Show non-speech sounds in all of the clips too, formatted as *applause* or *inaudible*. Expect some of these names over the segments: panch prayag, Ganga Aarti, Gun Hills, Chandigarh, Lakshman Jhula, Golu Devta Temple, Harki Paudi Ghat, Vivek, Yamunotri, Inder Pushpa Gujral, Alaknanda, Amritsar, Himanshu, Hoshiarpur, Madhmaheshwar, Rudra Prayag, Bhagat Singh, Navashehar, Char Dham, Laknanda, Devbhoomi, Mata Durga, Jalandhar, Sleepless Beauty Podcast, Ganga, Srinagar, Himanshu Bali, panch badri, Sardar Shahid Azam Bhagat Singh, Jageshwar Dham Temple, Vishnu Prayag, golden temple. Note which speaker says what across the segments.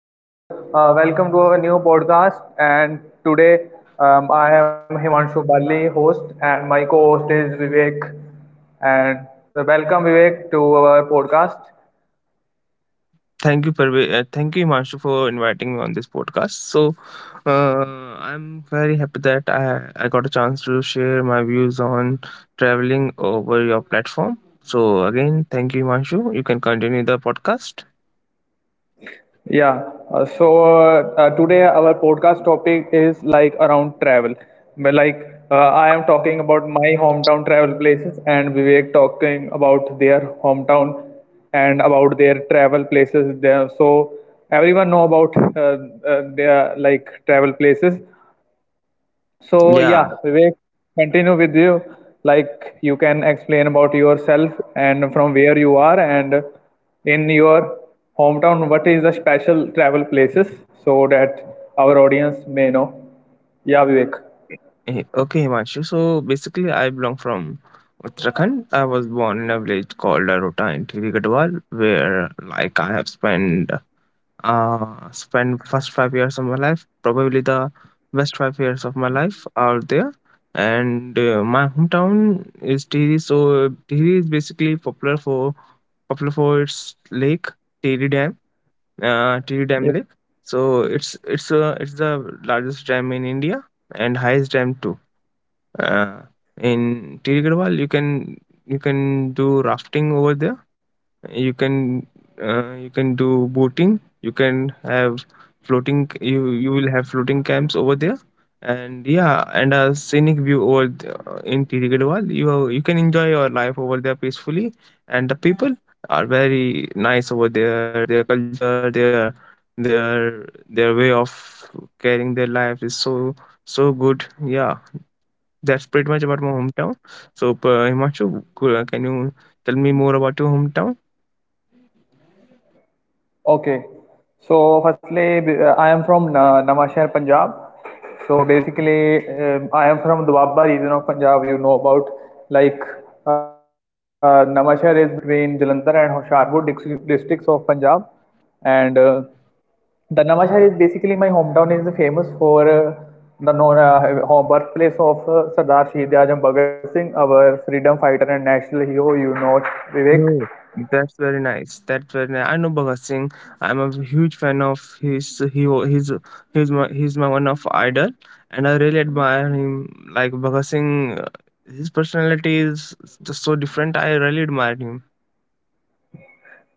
Speaker 1: Hello, welcome to our new podcast. And today I am Himanshu Bali, host, and my co host is Vivek. And so welcome, Vivek, to our podcast.
Speaker 2: Thank you, thank you, Himanshu, for inviting me on this podcast. So, I'm very happy that I got a chance to share my views on traveling over your platform. So, again, thank you, Himanshu. You can continue the podcast.
Speaker 1: Yeah, today our podcast topic is like around travel. But like I am talking about my hometown travel places and Vivek talking about their hometown and about their travel places there. So everyone know about their like travel places, so
Speaker 2: Yeah.
Speaker 1: yeah, Vivek, continue with you. Like you can explain about yourself and from where you are and in your hometown, what is the special travel places so that our audience may know. Yeah, Vivek.
Speaker 2: Okay, Himanshu. So, basically, I belong from Uttarakhand. I was born in a village called Arota in Thiri Gadwal, where, like, I have spent spend first 5 years of my life, probably the best 5 years of my life are there. And my hometown is Tiri, so Tiri is basically popular for its lake, Tiri Dam, Tiri Dam
Speaker 1: Yeah.
Speaker 2: Lake. So it's the largest dam in India and highest dam too. uh, in Tiri Garhwal you can do rafting over there. You can you can do boating, you can have floating you will have floating camps over there. And yeah, and a scenic view over in Tirigidwal, you can enjoy your life over there peacefully. And the people are very nice over there, their culture, their way of carrying their life is so good, yeah. That's pretty much about my hometown. So Himanshu, can you tell me more about your hometown?
Speaker 1: Okay. So firstly, I am from Navashehar, Punjab. So basically, I am from Dwabba region of Punjab. You know about like Navashehar is between Jalandhar and Hoshiarpur districts of Punjab, and the Navashehar is basically my hometown is famous for the known birthplace of Sardar Shahid Azam Bhagat Singh, our freedom fighter and national hero. You know Vivek.
Speaker 2: No, that's very nice. That's very nice. I know Bhagat Singh. I'm a huge fan of his. He's my one of idol, and I really admire him. Like Bhagat Singh, his personality is just so different. I really admire him.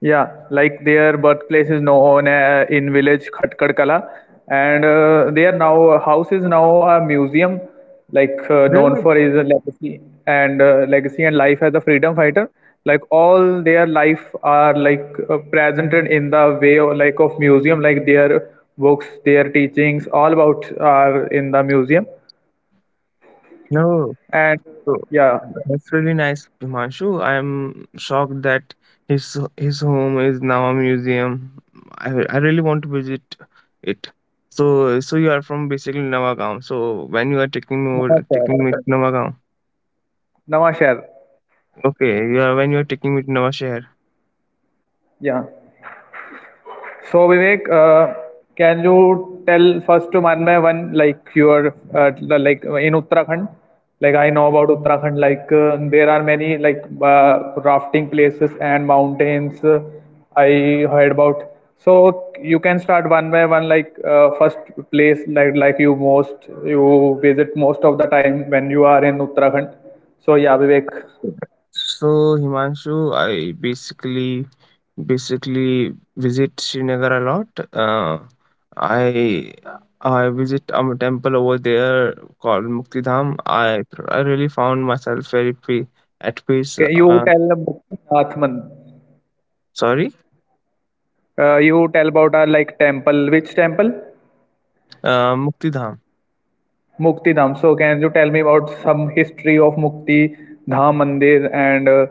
Speaker 1: Yeah, like their birthplace is known in village Khatkad Kala, and their now house is now a museum, like known
Speaker 2: Really?
Speaker 1: for his legacy and legacy and life as a freedom fighter. Like all their life are like presented in the way of, like of museum, like their books, their teachings, all about are in the museum.
Speaker 2: No.
Speaker 1: And
Speaker 2: So
Speaker 1: yeah,
Speaker 2: that's really nice, Himanshu. I'm shocked that his home is now a museum. I really want to visit it. So so you are from basically Navagaon. So when you are taking me over,
Speaker 1: Namaskar.
Speaker 2: taking me to Navagaon,
Speaker 1: Namaskar.
Speaker 2: okay, you are when you are taking me to Navashehar.
Speaker 1: Yeah. So Vivek, can you tell first to Manmay when like you are uh, like in Uttarakhand? Like I know about Uttarakhand. Like there are many like rafting places and mountains. I heard about. So you can start one by one. Like first place like you most you visit most of the time when you are in Uttarakhand. So yeah, Vivek.
Speaker 2: So Himanshu, I basically basically visit Srinagar a lot. Uh, I I visit a temple over there called Mukti Dham. I really found myself very at peace.
Speaker 1: Okay, you tell Muktinath Man.
Speaker 2: Sorry,
Speaker 1: You tell about our like temple. Which temple?
Speaker 2: Mukti Dham.
Speaker 1: Mukti Dham. So can you tell me about some history of Mukti Dham Mandir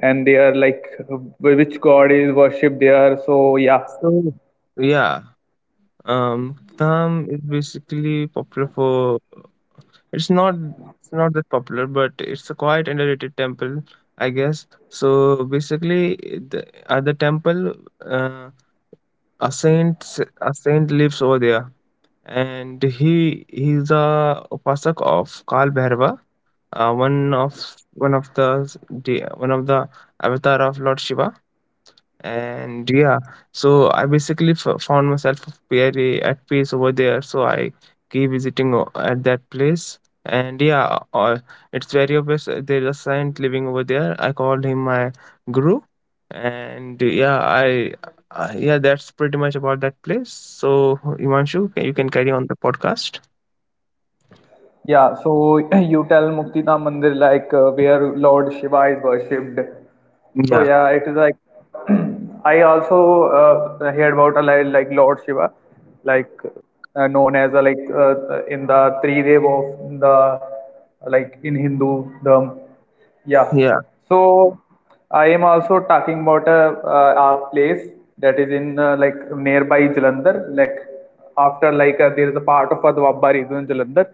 Speaker 1: and they are like which god is worshipped there? So yeah.
Speaker 2: So yeah, Mukti Dham is basically popular for. It's not it's not that popular, but it's a quite underrated temple, I guess. So basically, the, at the temple. Uh, a saint lives over there, and he's a upasak of kal bhairava, uh, one of one of the s- one of the avatar of lord shiva. And yeah, so I basically found myself very at peace over there, so I keep at that place. And yeah, it's very obvious, there's a saint living over there, I called him my guru. And yeah, I yeah, that's pretty much about that place. So imanshu, can- you can carry on the podcast.
Speaker 1: Yeah, so *clears throat* you tell Muktita Mandir like where Lord Shiva is worshipped. So
Speaker 2: Yeah
Speaker 1: yeah, it is like *clears throat* I also heard about a like Lord Shiva, like known as a, like in the three dev of the like in Hindu Dham. Yeah.
Speaker 2: yeah,
Speaker 1: So I am also talking about a place that is in like nearby Jalandhar, like after like there is a part of a Dwabba region Jalandhar.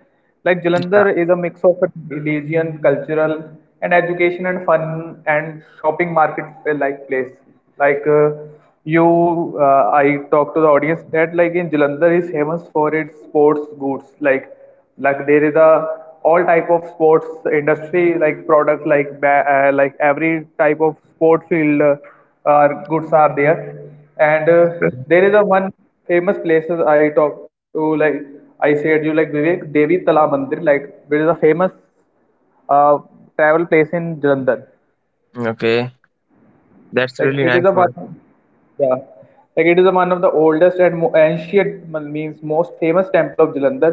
Speaker 1: Like Jalandhar is a mix of a religion, cultural, and education and fun and shopping market like place. Like you, I talk to the audience that like in Jalandhar is famous for its sports goods like there is a all type of sports industry like products like like every type of sport field are goods are there, and
Speaker 2: yeah.
Speaker 1: there is a one famous place as I talked to like I said you like Vivek Devi Tala Mandir like which is a famous uh, travel place in Jalandhar.
Speaker 2: okay that's
Speaker 1: Like
Speaker 2: really
Speaker 1: it is
Speaker 2: nice
Speaker 1: a
Speaker 2: one.
Speaker 1: one, yeah, like it is a one of the oldest and ancient means most famous temple of Jalandhar,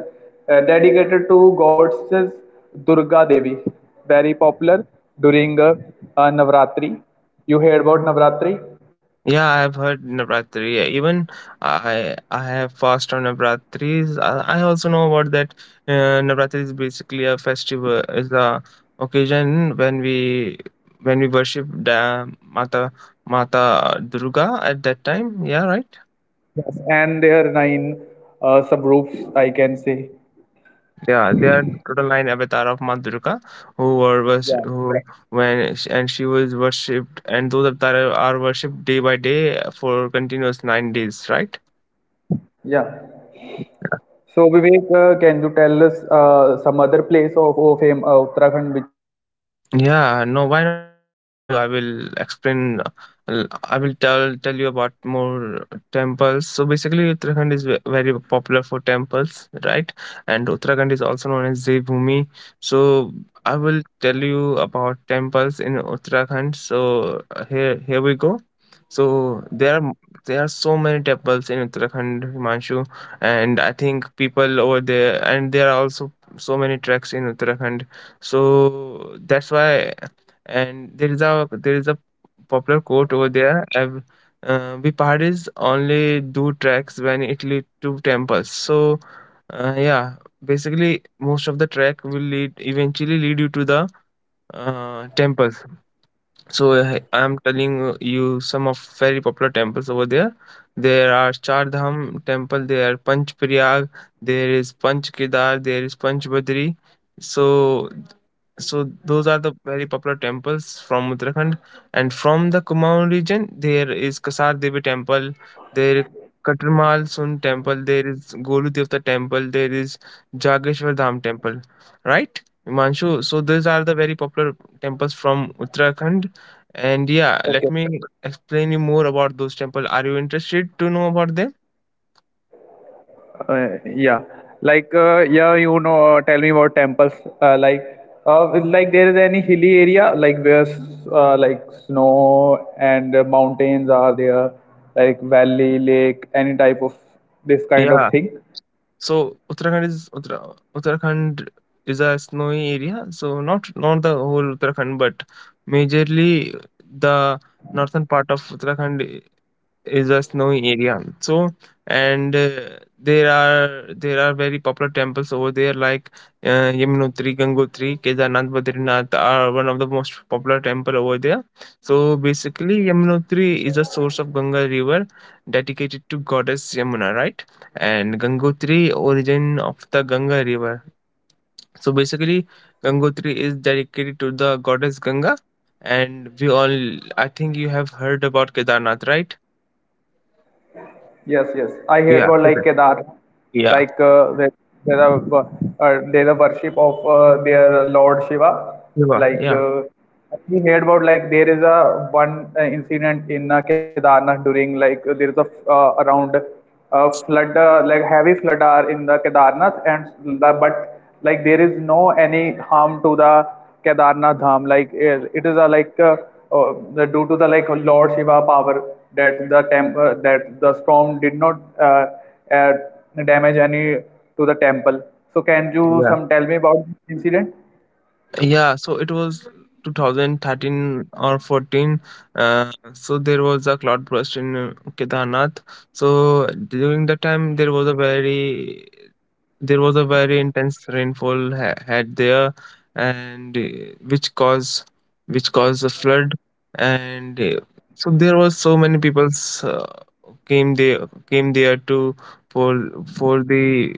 Speaker 1: dedicated to goddess Durga Devi. Very popular during Navratri. You heard about Navratri?
Speaker 2: Yeah, I've heard Navratri. Yeah, even I have fast on Navratris. I also know about that. Navratri is basically a festival, is a occasion when we worship the Mata Durga at that time. Yeah, right.
Speaker 1: Yes, and there are 9 subroofs, I can say.
Speaker 2: Yeah, they are total nine avatar of Mata Durga who were was
Speaker 1: Yeah.
Speaker 2: who Right. And she was worshipped, and those avatar are worshipped day by day for continuous 9 days. Right.
Speaker 1: Yeah. So Vivek, can you tell us some other place of fame, Uttarakhand, which are which is famous
Speaker 2: Yeah,
Speaker 1: like
Speaker 2: no, why not,
Speaker 1: tourism place?
Speaker 2: Himanshu? I will explain. I will tell you about more temples. So basically, Uttarakhand is very popular for temples, right? And Uttarakhand is also known as Devbhoomi. So I will tell you about temples in Uttarakhand. So here we go. So there are so many temples in Uttarakhand, Himanshu, and I think people over there, and there are also so many treks in Uttarakhand, so that's why. And there is a popular quote over there. We parties only do tracks when it lead to temples. So yeah, basically most of the track will lead eventually lead you to the temples. So I'm telling you some of very popular temples over there. There are Char Dham temple, there are panch prayag, there is panch kedar, there is panch badri. So so those are the very popular temples from Uttarakhand, and from the Kumaon region, there is Kasar Devi Temple, there Katarmal Sun Temple, there is Golu Devta Temple, there is Jageshwar Dham Temple, right? Himanshu, so these are the very popular temples from Uttarakhand, and yeah, let me explain you more about those temples. Are you interested to know about them?
Speaker 1: uh, yeah like yeah you know tell me about temples uh, like like there is any hilly area like where like snow and mountains are there, like valley lake any type of this kind of
Speaker 2: Yeah,
Speaker 1: thing.
Speaker 2: so Uttarakhand is Uttarakhand is a snowy area. So not the whole Uttarakhand, but majorly the northern part of Uttarakhand is a snowy area. So and there are very popular temples over there, like Yamunotri, Gangotri, Kedarnath, Badrinath are one of the most popular temple over there. So basically, Yamunotri is a source of Ganga river, dedicated to goddess Yamuna, right? And Gangotri, origin of the Ganga river. So basically, Gangotri is dedicated to the goddess Ganga, and we all I think you have heard about Kedarnath, right?
Speaker 1: Yes, yes. I heard
Speaker 2: Yeah,
Speaker 1: about like Kedar,
Speaker 2: Yeah,
Speaker 1: like there are there are worship of their Lord Shiva.
Speaker 2: yeah,
Speaker 1: Like
Speaker 2: yeah,
Speaker 1: we heard about like there is a one incident in Kedarnath during like there is a around flood like heavy flood are in the Kedarnath and the, but like there is no any harm to the Kedarnath Dham. Like it is a like uh, due to the like Lord Shiva power that the that the storm did not uh, damage any to the temple. So can you
Speaker 2: yeah,
Speaker 1: some tell me about this incident?
Speaker 2: yeah. So it was 2013 or 14. So there was a cloud burst in Kedarnath. So during that time, there was a very intense rainfall had there, and which caused which caused a flood, and so there was so many people uh, came there to for the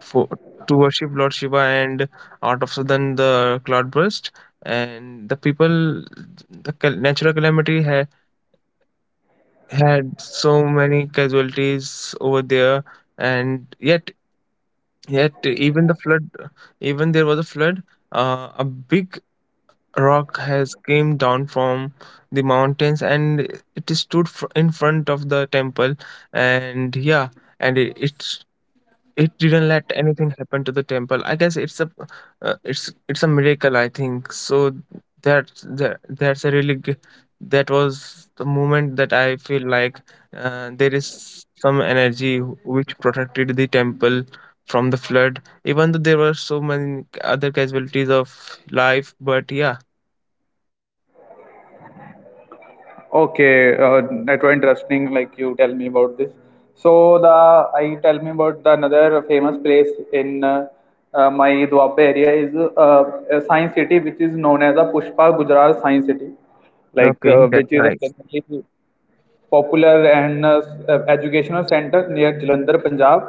Speaker 2: for to worship Lord Shiva. And out of sudden the cloud burst, and the people, the natural calamity had so many casualties over there. And even there was a flood. A big rock has came down from the mountains, and it stood in front of the temple. And yeah, and it didn't let anything happen to the temple. I guess it's a it's a miracle, I think so. That's a really that was the moment that I feel like there is some energy which protected the temple from the flood, even though there were so many other casualties of life, but yeah.
Speaker 1: Okay, that was interesting. Like you tell me about this. So the I tell me about the another famous place in my Dwappa area is a Science City, which is known as a Pushpa Gujarat Science City, like
Speaker 2: okay that's
Speaker 1: which is
Speaker 2: nice.
Speaker 1: a popular and educational center near Jalandhar, Punjab,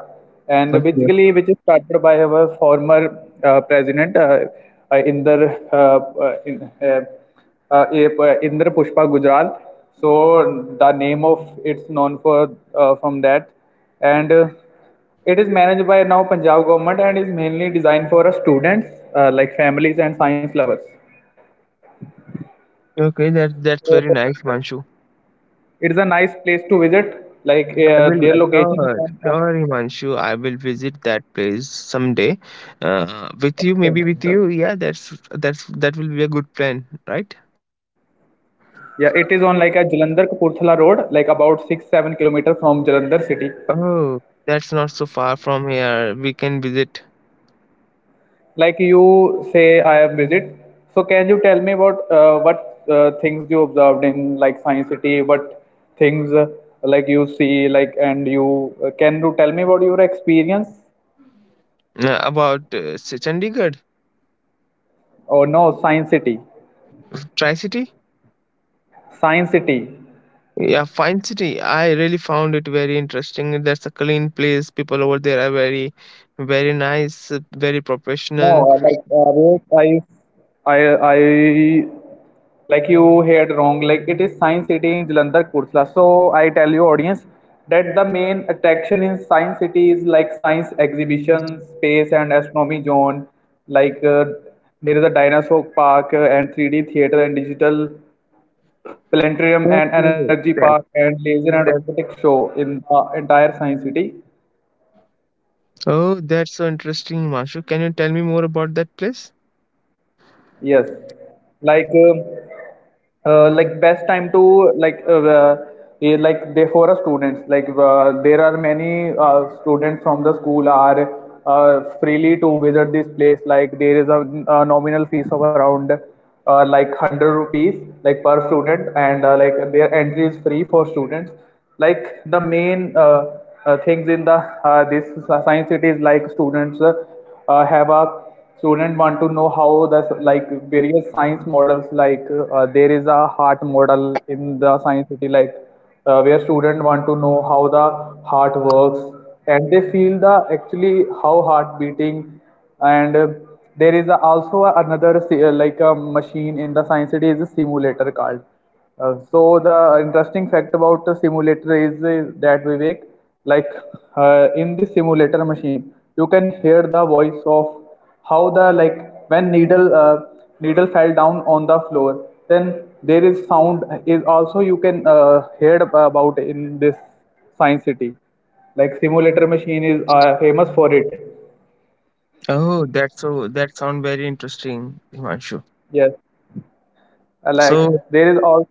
Speaker 1: and
Speaker 2: Okay
Speaker 1: basically which is started by our former president Inder uh, uh, in- uh, uh, Inder Pushpa Gujral. So the name of it's known for from that, and it is managed by now Punjab government and is mainly designed for students like families and science lovers.
Speaker 2: okay that's very
Speaker 1: So
Speaker 2: nice manshu.
Speaker 1: it is a nice place to visit. Like
Speaker 2: I will
Speaker 1: their location is on.
Speaker 2: sure, Himanshu. I will visit that place someday. With you, maybe with you. Yeah, that's that will be a good plan, right?
Speaker 1: Yeah, it is on like a Jalandhar Kapurthala road, like about 6-7 kilometers from Jalandhar city.
Speaker 2: Oh, that's not so far from here. We can visit
Speaker 1: Like you say, I have visit. So can you tell me about what things you observed in like Science City? What things like you see like and you can you tell me about your experience?
Speaker 2: Chandigarh,
Speaker 1: Or no, Science City,
Speaker 2: Tri City.
Speaker 1: Science City.
Speaker 2: Yeah, fine city. I really found it very interesting. That's a clean place. People over there are very nice, very
Speaker 1: No,
Speaker 2: professional.
Speaker 1: like Vivek, I, I, I, like you heard wrong. Like it is Science City in Jalandhar, Kursla. So I tell you, audience, that the main attraction in Science City is like science exhibition, space and astronomy zone. Like there is a dinosaur park and 3D theater and digital planetarium and
Speaker 2: Okay,
Speaker 1: energy
Speaker 2: that
Speaker 1: park and laser and
Speaker 2: that.
Speaker 1: robotics show in entire Science City.
Speaker 2: Oh, that's so interesting, Himanshu. Can you tell me more about that place?
Speaker 1: Yes, like um, like best time to like like they for a students like there are many students from the school are freely to visit this place like there is a nominal fees of around like 100 rupees like per student and like their entry is free for students like the main things in the this science city is like students have a student want to know how the like various science models like there is a heart model in the science city like where student want to know how the heart works and they feel the actually how heart beating and there is also another like a machine in the science city is a simulator called so the interesting fact about the simulator is that Vivek, like in the simulator machine, you can hear the voice of how the like when needle fell down on the floor. Then there is sound is also you can hear about in this science city. Like simulator machine is famous for it.
Speaker 2: Oh, that's so that sound very interesting, Himanshu.
Speaker 1: Yes. Like
Speaker 2: So
Speaker 1: there is also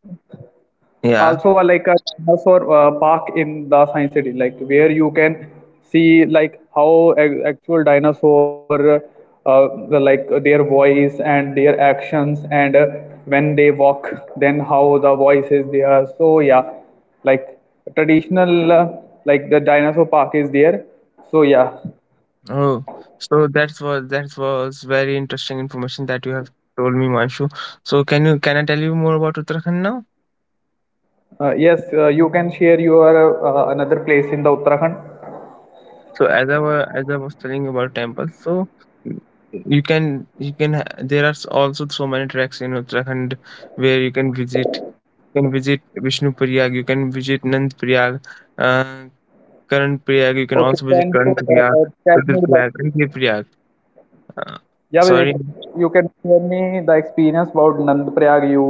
Speaker 2: yeah,
Speaker 1: a, like a dinosaur park in the science city like where you can see like how actual dinosaur the, like their voice and their actions and when they walk, then how the voice is there, so yeah, like traditional like the dinosaur park is there, so yeah.
Speaker 2: oh, so that's was that was very interesting information that you have told me, Manshu. So can you can I tell you more about Uttarakhand now?
Speaker 1: Yes you can share your another place in the Uttarakhand.
Speaker 2: So as I was telling about temples, so y- you can there are also so many tracks in Uttarakhand where you can visit. You can visit Vishnu Prayag, you can visit Nand Prayag, uh, Karan Prayag. You can
Speaker 1: Okay,
Speaker 2: also visit
Speaker 1: can you
Speaker 2: Karan Prayag,
Speaker 1: tell
Speaker 2: Rudra
Speaker 1: me about,
Speaker 2: Prayag, and Dev Prayag. Uh,
Speaker 1: yeah, Vivek,
Speaker 2: sorry.
Speaker 1: you can share me the experience about Nand Prayag. You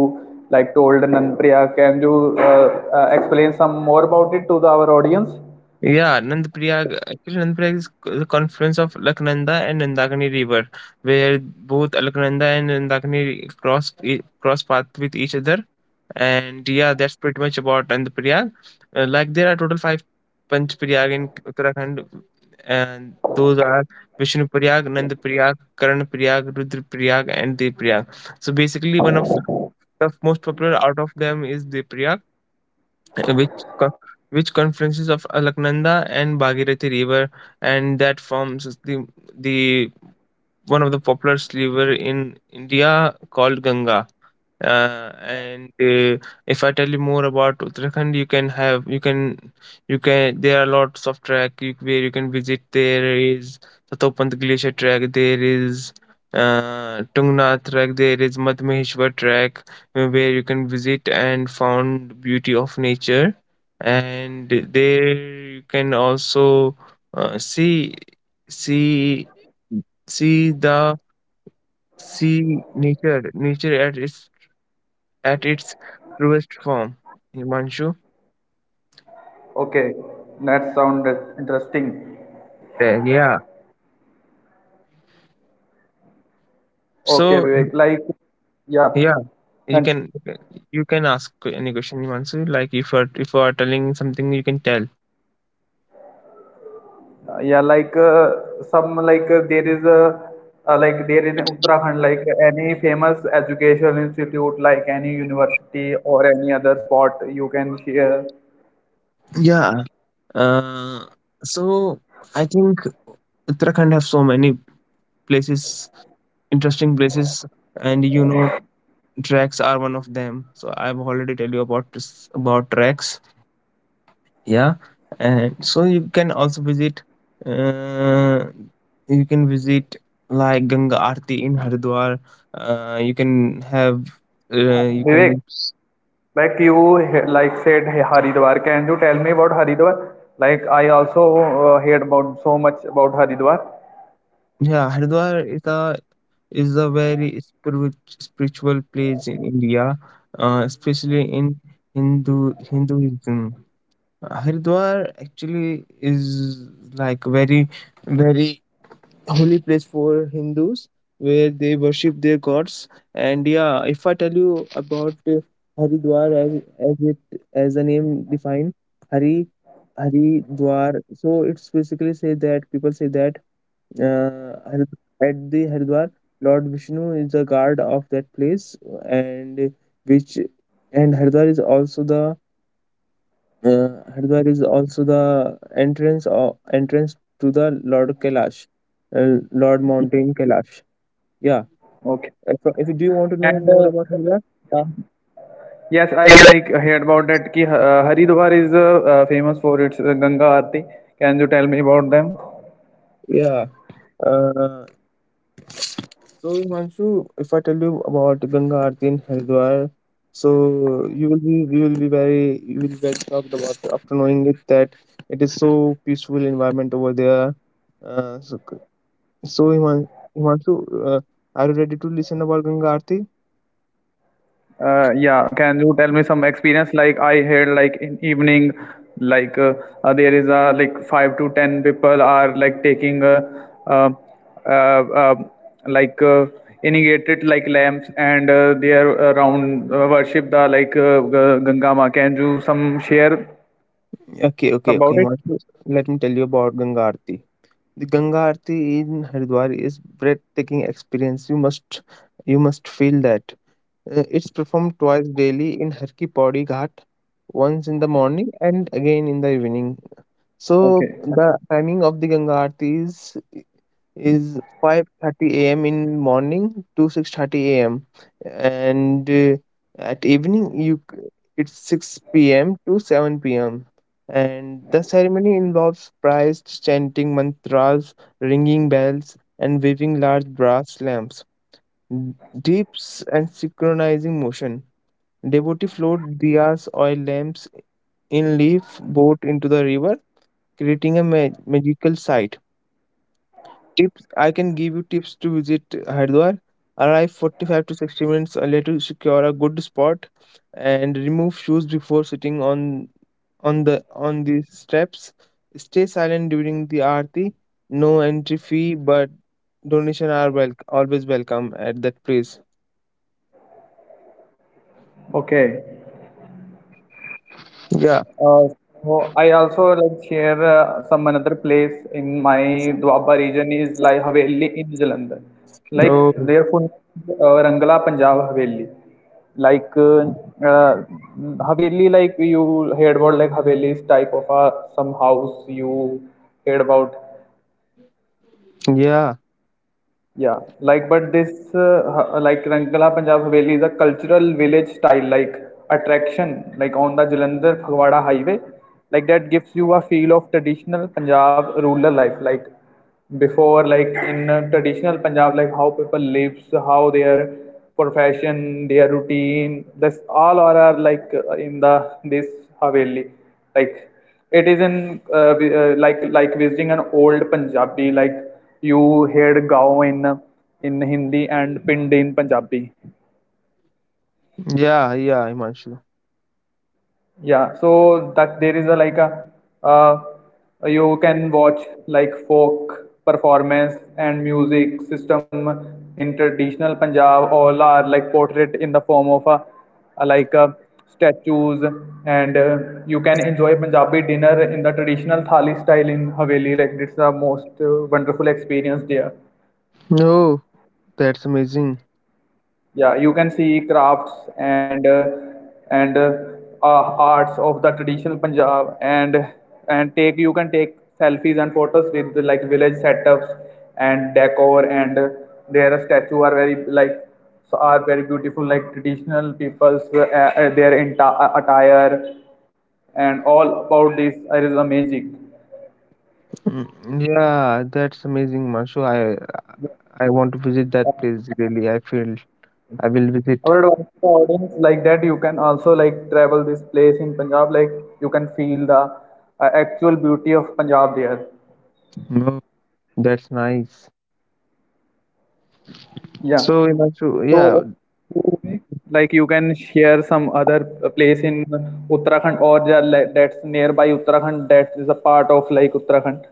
Speaker 1: like told Nand Prayag. Can you explain some more about it to the, our audience?
Speaker 2: Yeah, Nand Prayag. Actually, Nand Prayag is the confluence of Laknanda and Nandakani River, where both Laknanda and Nandakani cross path with each other. And yeah, that's pretty much about Nand Prayag. Like there are total five Panch Prayag in Uttarakhand, and those are Vishnu Prayag, Nand Prayag, Karan Prayag, Rudra Prayag, and Dev Prayag. So basically, one of the most popular out of them is Dev which co- which confluences of Alaknanda and Bhagirathi river, and that forms the the one of the popular river in India called Ganga. And If I tell you more about Uttarakhand, you can there are lots of track you, where you can visit. There is Satopant Glacier track. There is Tungnath track. There is Madhmaheshwar track where you can visit and found beauty of nature. And there you can also uh, see see see the see nature at its truest form. Himanshu,
Speaker 1: Okay, that sounded interesting.
Speaker 2: there, yeah.
Speaker 1: Okay,
Speaker 2: So
Speaker 1: Vivek, like, yeah,
Speaker 2: yeah, you
Speaker 1: and
Speaker 2: can ask any question, Himanshu. Like if you are telling something, you can tell.
Speaker 1: yeah, like some like there is a like there in Uttarakhand, like any famous educational institute, like any university or any other spot, you can share.
Speaker 2: Yeah. Uh, so I think Uttarakhand have so many places, interesting places, and you know tracks are one of them. So I've already tell you about this about tracks. Yeah. And so you can also visit uh, you can visit like ganga aarti in haridwar. You can have you
Speaker 1: Vivek,
Speaker 2: can
Speaker 1: like you like said hey, Haridwar, can you tell me about Haridwar? Like I also heard about so much about Haridwar.
Speaker 2: yeah, haridwar is a very spiritual place in india, especially in hindu hinduism. Haridwar actually is like very holy place for Hindus where they worship their gods. And yeah, if I tell you about Haridwar as it as the name defined, Hari Haridwar. So it's basically say that people say that uh, Harid- at the Haridwar, Lord Vishnu is the guard of that place, and which and Haridwar is also the Haridwar is also the entrance or entrance to the Lord Kailash, Lord
Speaker 1: Yeah.
Speaker 2: Mountain Kailash. Yeah.
Speaker 1: Okay.
Speaker 2: If you do you want to know
Speaker 1: And
Speaker 2: more about Haridwar?
Speaker 1: yeah. Yes, I like heard about that. Ki Haridwar is famous for its Ganga Aarti. Can you tell me about them?
Speaker 2: Yeah. Uh, so Himanshu, if I tell you about Ganga Aarti in Haridwar, so you will be very shocked about after knowing it that it is so peaceful environment over there. Uh, so so Himan- Himanshu, are you ready to listen about Ganga Aarti?
Speaker 1: Yeah, can you tell me some experience? Like I heard, like in evening, like there is like 5 to 10 people are like taking uh, uh, uh, like irrigated like lamps and they are around worship the like Ganga Ma. Can you some share
Speaker 2: Okay, okay, okay.
Speaker 1: about it?
Speaker 2: Himanshu, let me tell you about Ganga Aarti. The Ganga Aarti in Haridwar is breathtaking experience. You must feel that. It's performed twice daily in Harki Paudi Ghat, once in the morning and again in the evening. So
Speaker 1: Okay,
Speaker 2: the timing of the Ganga Aarti is 5:30 a.m. in morning to 6:30 a.m. and at evening it's 6 p.m. to 7 p.m. And the ceremony involves priests chanting mantras, ringing bells, and waving large brass lamps, d- dips and synchronizing motion. Devotee float diyas, oil lamps in leaf boat into the river, creating a magical sight. Tips, I can give you tips to visit Haridwar. Arrive 45 to 60 minutes earlier to secure a good spot and remove shoes before sitting on the on the steps. Stay silent during the aarti. No entry fee, but donation are always welcome at that place.
Speaker 1: okay.
Speaker 2: Yeah.
Speaker 1: Uh, so I also like share some another place in my Dwaba region is like Haveli in Jalandhar. Like
Speaker 2: Oh.
Speaker 1: their full name is, Rangla Punjab Haveli. Like uh, uh, Haveli, like you heard about like Haveli's type of a some house you heard about.
Speaker 2: Yeah.
Speaker 1: Yeah, like, but this, like, Rangla Punjab Haveli is a cultural village style, like, attraction, like, on the Jalandhar Phagwara highway. Like, that gives you a feel of traditional Punjab rural life. Like, before, like, in traditional Punjab, like, how people lives, how their profession, their routine, this all are like, in the this Haveli. Like, it is in, vi- like visiting an old Punjabi, like, you heard Gao in Hindi and Pind in Punjabi.
Speaker 2: Yeah. Yeah. Himanshu.
Speaker 1: Yeah, so that there is a like a uh, you can watch like folk performance and music system in traditional Punjab. All are like portrait in the form of a like a statues and you can enjoy Punjabi dinner in the traditional thali style in Haveli. Like it's a most wonderful experience there.
Speaker 2: Oh, that's amazing.
Speaker 1: Yeah, you can see crafts and arts of the traditional Punjab and take you can take selfies and photos with the, like, village setups and decor and their statue are very like so are very beautiful like traditional people's their entire attire and all about this is amazing.
Speaker 2: Mm, yeah, that's amazing, Himanshu. I want to visit that place really. I feel. I will visit.
Speaker 1: Or advice to the audience like that you can also like travel this place in Punjab, like you can feel the actual beauty of Punjab there.
Speaker 2: No, that's nice.
Speaker 1: Yeah.
Speaker 2: So, Imanshu,
Speaker 1: So
Speaker 2: yeah,
Speaker 1: like you can share some other place in Uttarakhand or the, like, that's nearby Uttarakhand that is a part of like Uttarakhand.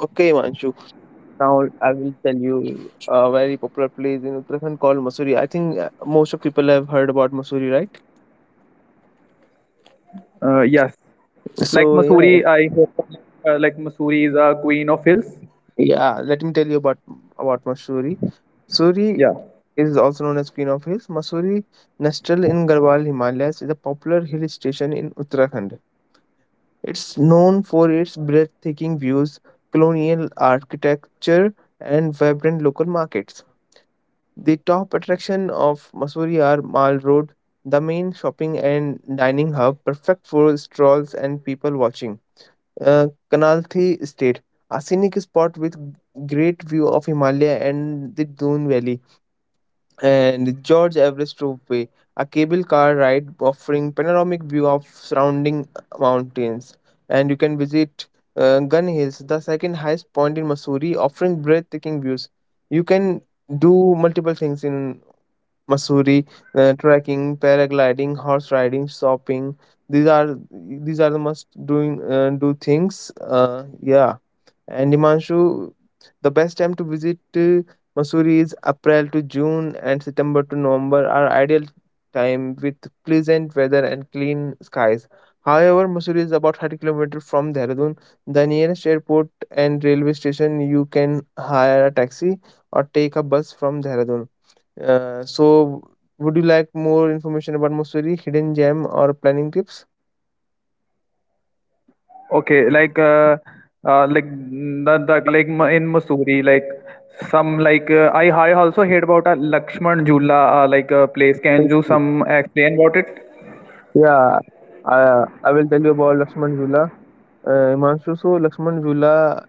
Speaker 2: okay, Manshu. Now I will tell you a very popular place in Uttarakhand called Mussoorie. I think most of people have heard about Mussoorie, right?
Speaker 1: Yes. Like
Speaker 2: So yeah,
Speaker 1: Missouri, I hope like Missouri is a queen of hills.
Speaker 2: yeah. Let me tell you about Mussoorie. Mussoorie
Speaker 1: Yeah.
Speaker 2: is also known as Queen of Hills. Mussoorie, nestled in Garhwal Himalayas, is a popular hill station in Uttarakhand. It's known for its breathtaking views, colonial architecture, and vibrant local markets. The top attraction of Mussoorie are Mall Road, the main shopping and dining hub, perfect for strolls and people watching. Uh, Kanalthi Estate, a scenic spot with great view of Himalaya and the Doon Valley, and George Everest Ropeway, a cable car ride offering panoramic view of surrounding mountains. And you can visit Gun Hills, the second highest point in Missouri, offering breathtaking views. You can do multiple things in Missouri: trekking, paragliding, horse riding, shopping. These are the must doing do things. Yeah. And Himanshu, the best time to visit Mussoorie is April to June and September to November are ideal time with pleasant weather and clean skies. However, Mussoorie is about 30 kilometers from Dehradun. The nearest airport and railway station, you can hire a taxi or take a bus from Dehradun. Uh, so, would you like more information about Mussoorie, hidden gem, or planning tips?
Speaker 1: Okay, in Missouri, like some like I also heard about a Lakshman Jhula place. Can you
Speaker 2: Basically,
Speaker 1: some explain about it?
Speaker 2: yeah, I will tell you about Lakshman Jula. Himanshu, so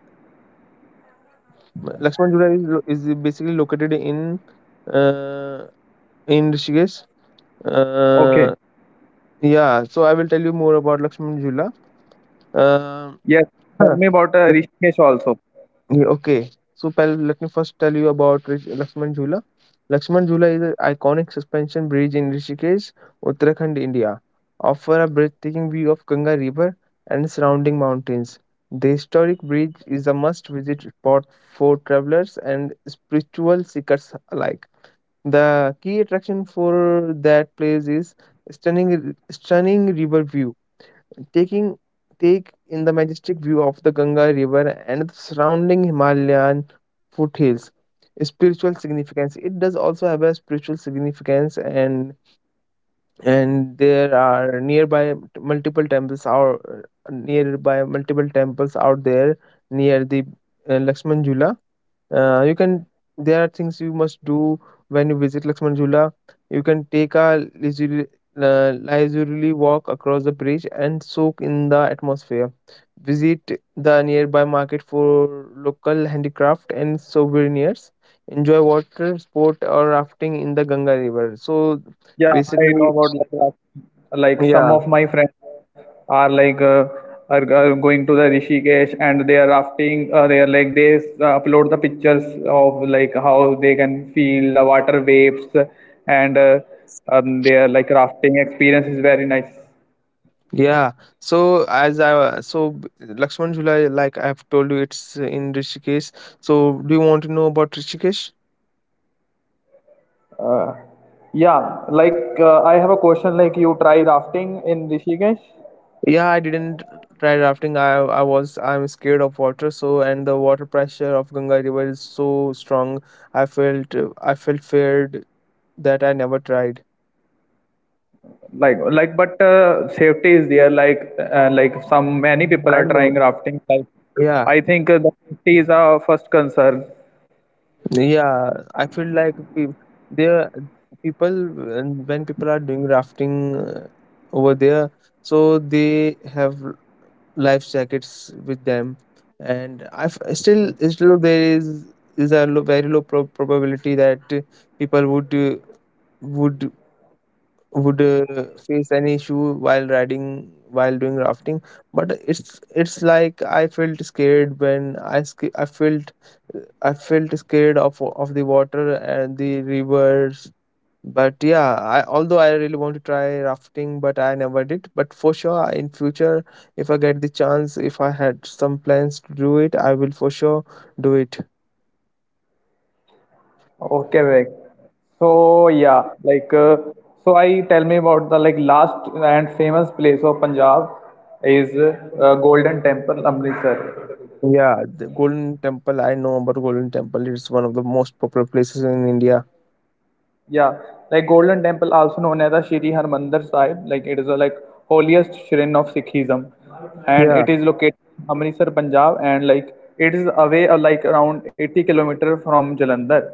Speaker 2: Lakshman Jula is basically located uh, in Rishikesh. Uh,
Speaker 1: Okay.
Speaker 2: yeah, so I will tell you more about Lakshman Jula. Um,
Speaker 1: Yes. Tell
Speaker 2: huh.
Speaker 1: me about Rishikesh also.
Speaker 2: Yeah, okay. So pal, let me first tell you about Lakshman Jhula. Lakshman Jhula is an iconic suspension bridge in Rishikesh, Uttarakhand, India. Offer a breathtaking view of Ganga River and surrounding mountains. The historic bridge is a must-visit spot for travelers and spiritual seekers alike. The key attraction for that place is stunning river view, taking take in the majestic view of the Ganga River and the surrounding Himalayan foothills. Spiritual significance. It does also have a spiritual significance, and there are nearby multiple temples are nearby multiple temples out there near the Lakshman Jula. You can There are things you must do when you visit Lakshman Jhula. You can take a leisurely walk across the bridge and soak in the atmosphere. Visit the nearby market for local handicraft and souvenirs. Enjoy water sport or rafting in the Ganga River. So
Speaker 1: Yeah, I know
Speaker 2: basically,
Speaker 1: about Ladakh. Like some
Speaker 2: yeah,
Speaker 1: of my friends are like uh, are going to the Rishikesh and they are rafting. They are like they upload the pictures of like how they can feel the water waves and their like rafting experience is very nice.
Speaker 2: yeah. So as I so b- Lakshman Jhula, like I have told you, it's in Rishikesh. So do you want to know about Rishikesh?
Speaker 1: Uh, yeah, I have a question. Like you try rafting in Rishikesh?
Speaker 2: Yeah, I didn't try rafting. I'm scared of water. So and the water pressure of Ganga River is so strong. I felt feared that I never tried.
Speaker 1: But safety is there like some many people
Speaker 2: I
Speaker 1: are
Speaker 2: know.
Speaker 1: trying rafting like
Speaker 2: Yeah,
Speaker 1: I think the safety is our first concern.
Speaker 2: yeah. I feel like pe- there People when people are doing rafting over there, so they have life jackets with them, and still still there is a low, very low probability that people would would would face any issue while riding while doing rafting. But it's I felt scared I felt I felt scared of the water and the rivers. But yeah, I although I really want to try rafting, but I never did. But for sure in future, if I get the chance, if I had some plans to do it, I will for sure do it.
Speaker 1: Okay, Vivek. so yeah like uh, so I tell me about the like last and famous place of Punjab is Golden Temple Amritsar.
Speaker 2: Yeah, the golden temple, I know about Golden Temple, it's one of the most popular places in India.
Speaker 1: Yeah, like Golden Temple, also known as the Shri Harmandir Sahib, like it is a like holiest shrine of Sikhism, and
Speaker 2: Yeah.
Speaker 1: it is located in Amritsar, Punjab, and like it is away like around 80-kilometer from Jalandhar,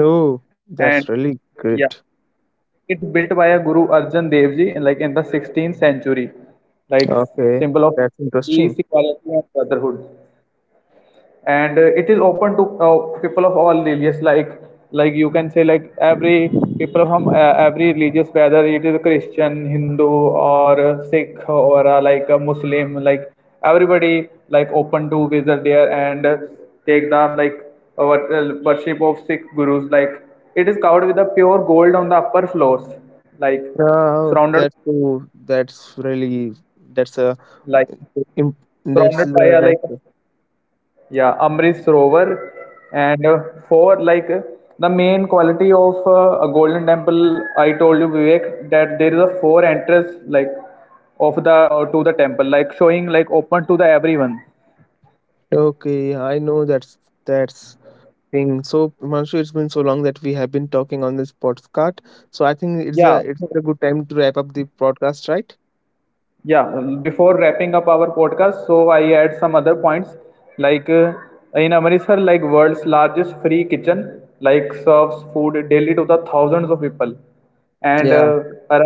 Speaker 2: Oh,
Speaker 1: and
Speaker 2: that's really
Speaker 1: yeah,
Speaker 2: great.
Speaker 1: it is built by a Guru Arjan Dev Ji, like in the 16th century, like
Speaker 2: Okay,
Speaker 1: symbol of
Speaker 2: that's interesting.
Speaker 1: peace, equality, and brotherhood. And it is open to people of all religious like you can say like every people from every religious, whether it is Christian, Hindu, or a Sikh, or like a Muslim, like everybody like open to visit there, and take them like worship of Sikh gurus. Like it is covered with a pure gold on the upper floors, like surrounded
Speaker 2: That's really that's a
Speaker 1: like
Speaker 2: im- that's
Speaker 1: surrounded by
Speaker 2: a
Speaker 1: a like,
Speaker 2: nice.
Speaker 1: yeah, Amrit Sarovar. And for the main quality of a Golden Temple, I told you Vivek that there is a four entrance, like of the to the temple, like showing like open to the everyone.
Speaker 2: Okay, I know that's thing. So Manshu, it's been so long that we have been talking on this podcast. So I think
Speaker 1: Yeah,
Speaker 2: it's a good time to wrap up the podcast, right?
Speaker 1: yeah, before wrapping up our podcast, so I add some other points, like uh, in Amritsar, like world's largest free kitchen like serves food daily to the thousands of people, and
Speaker 2: Yeah,
Speaker 1: are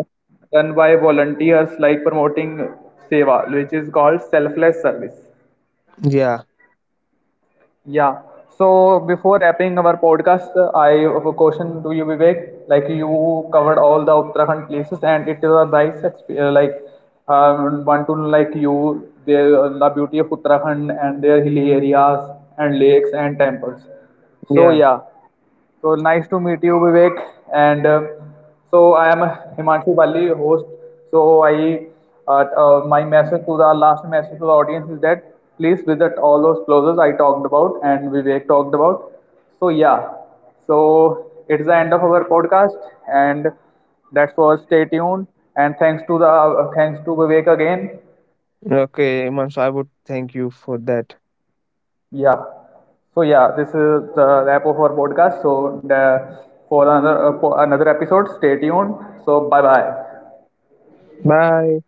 Speaker 1: run by volunteers, like promoting seva, which is called selfless service.
Speaker 2: yeah,
Speaker 1: Yeah. So before wrapping our podcast, I have a question to you, Vivek. Like you covered all the Uttarakhand places, and it is a nice experience. Like want to like you there the beauty of Uttarakhand and their hilly areas and lakes and temples. So
Speaker 2: yeah.
Speaker 1: yeah. So nice to meet you, Vivek. And so I am Himanshu Bali, host. So I, my message to the last message to the audience is that please visit all those places I talked about and Vivek talked about. So yeah, so it's the end of our podcast, and that's for stay tuned. And thanks to the thanks to Vivek again.
Speaker 2: Okay, Manshu, I would thank you for that.
Speaker 1: Yeah. So yeah, this is the wrap of our podcast. So the, for another episode, stay tuned. So bye bye.
Speaker 2: Bye.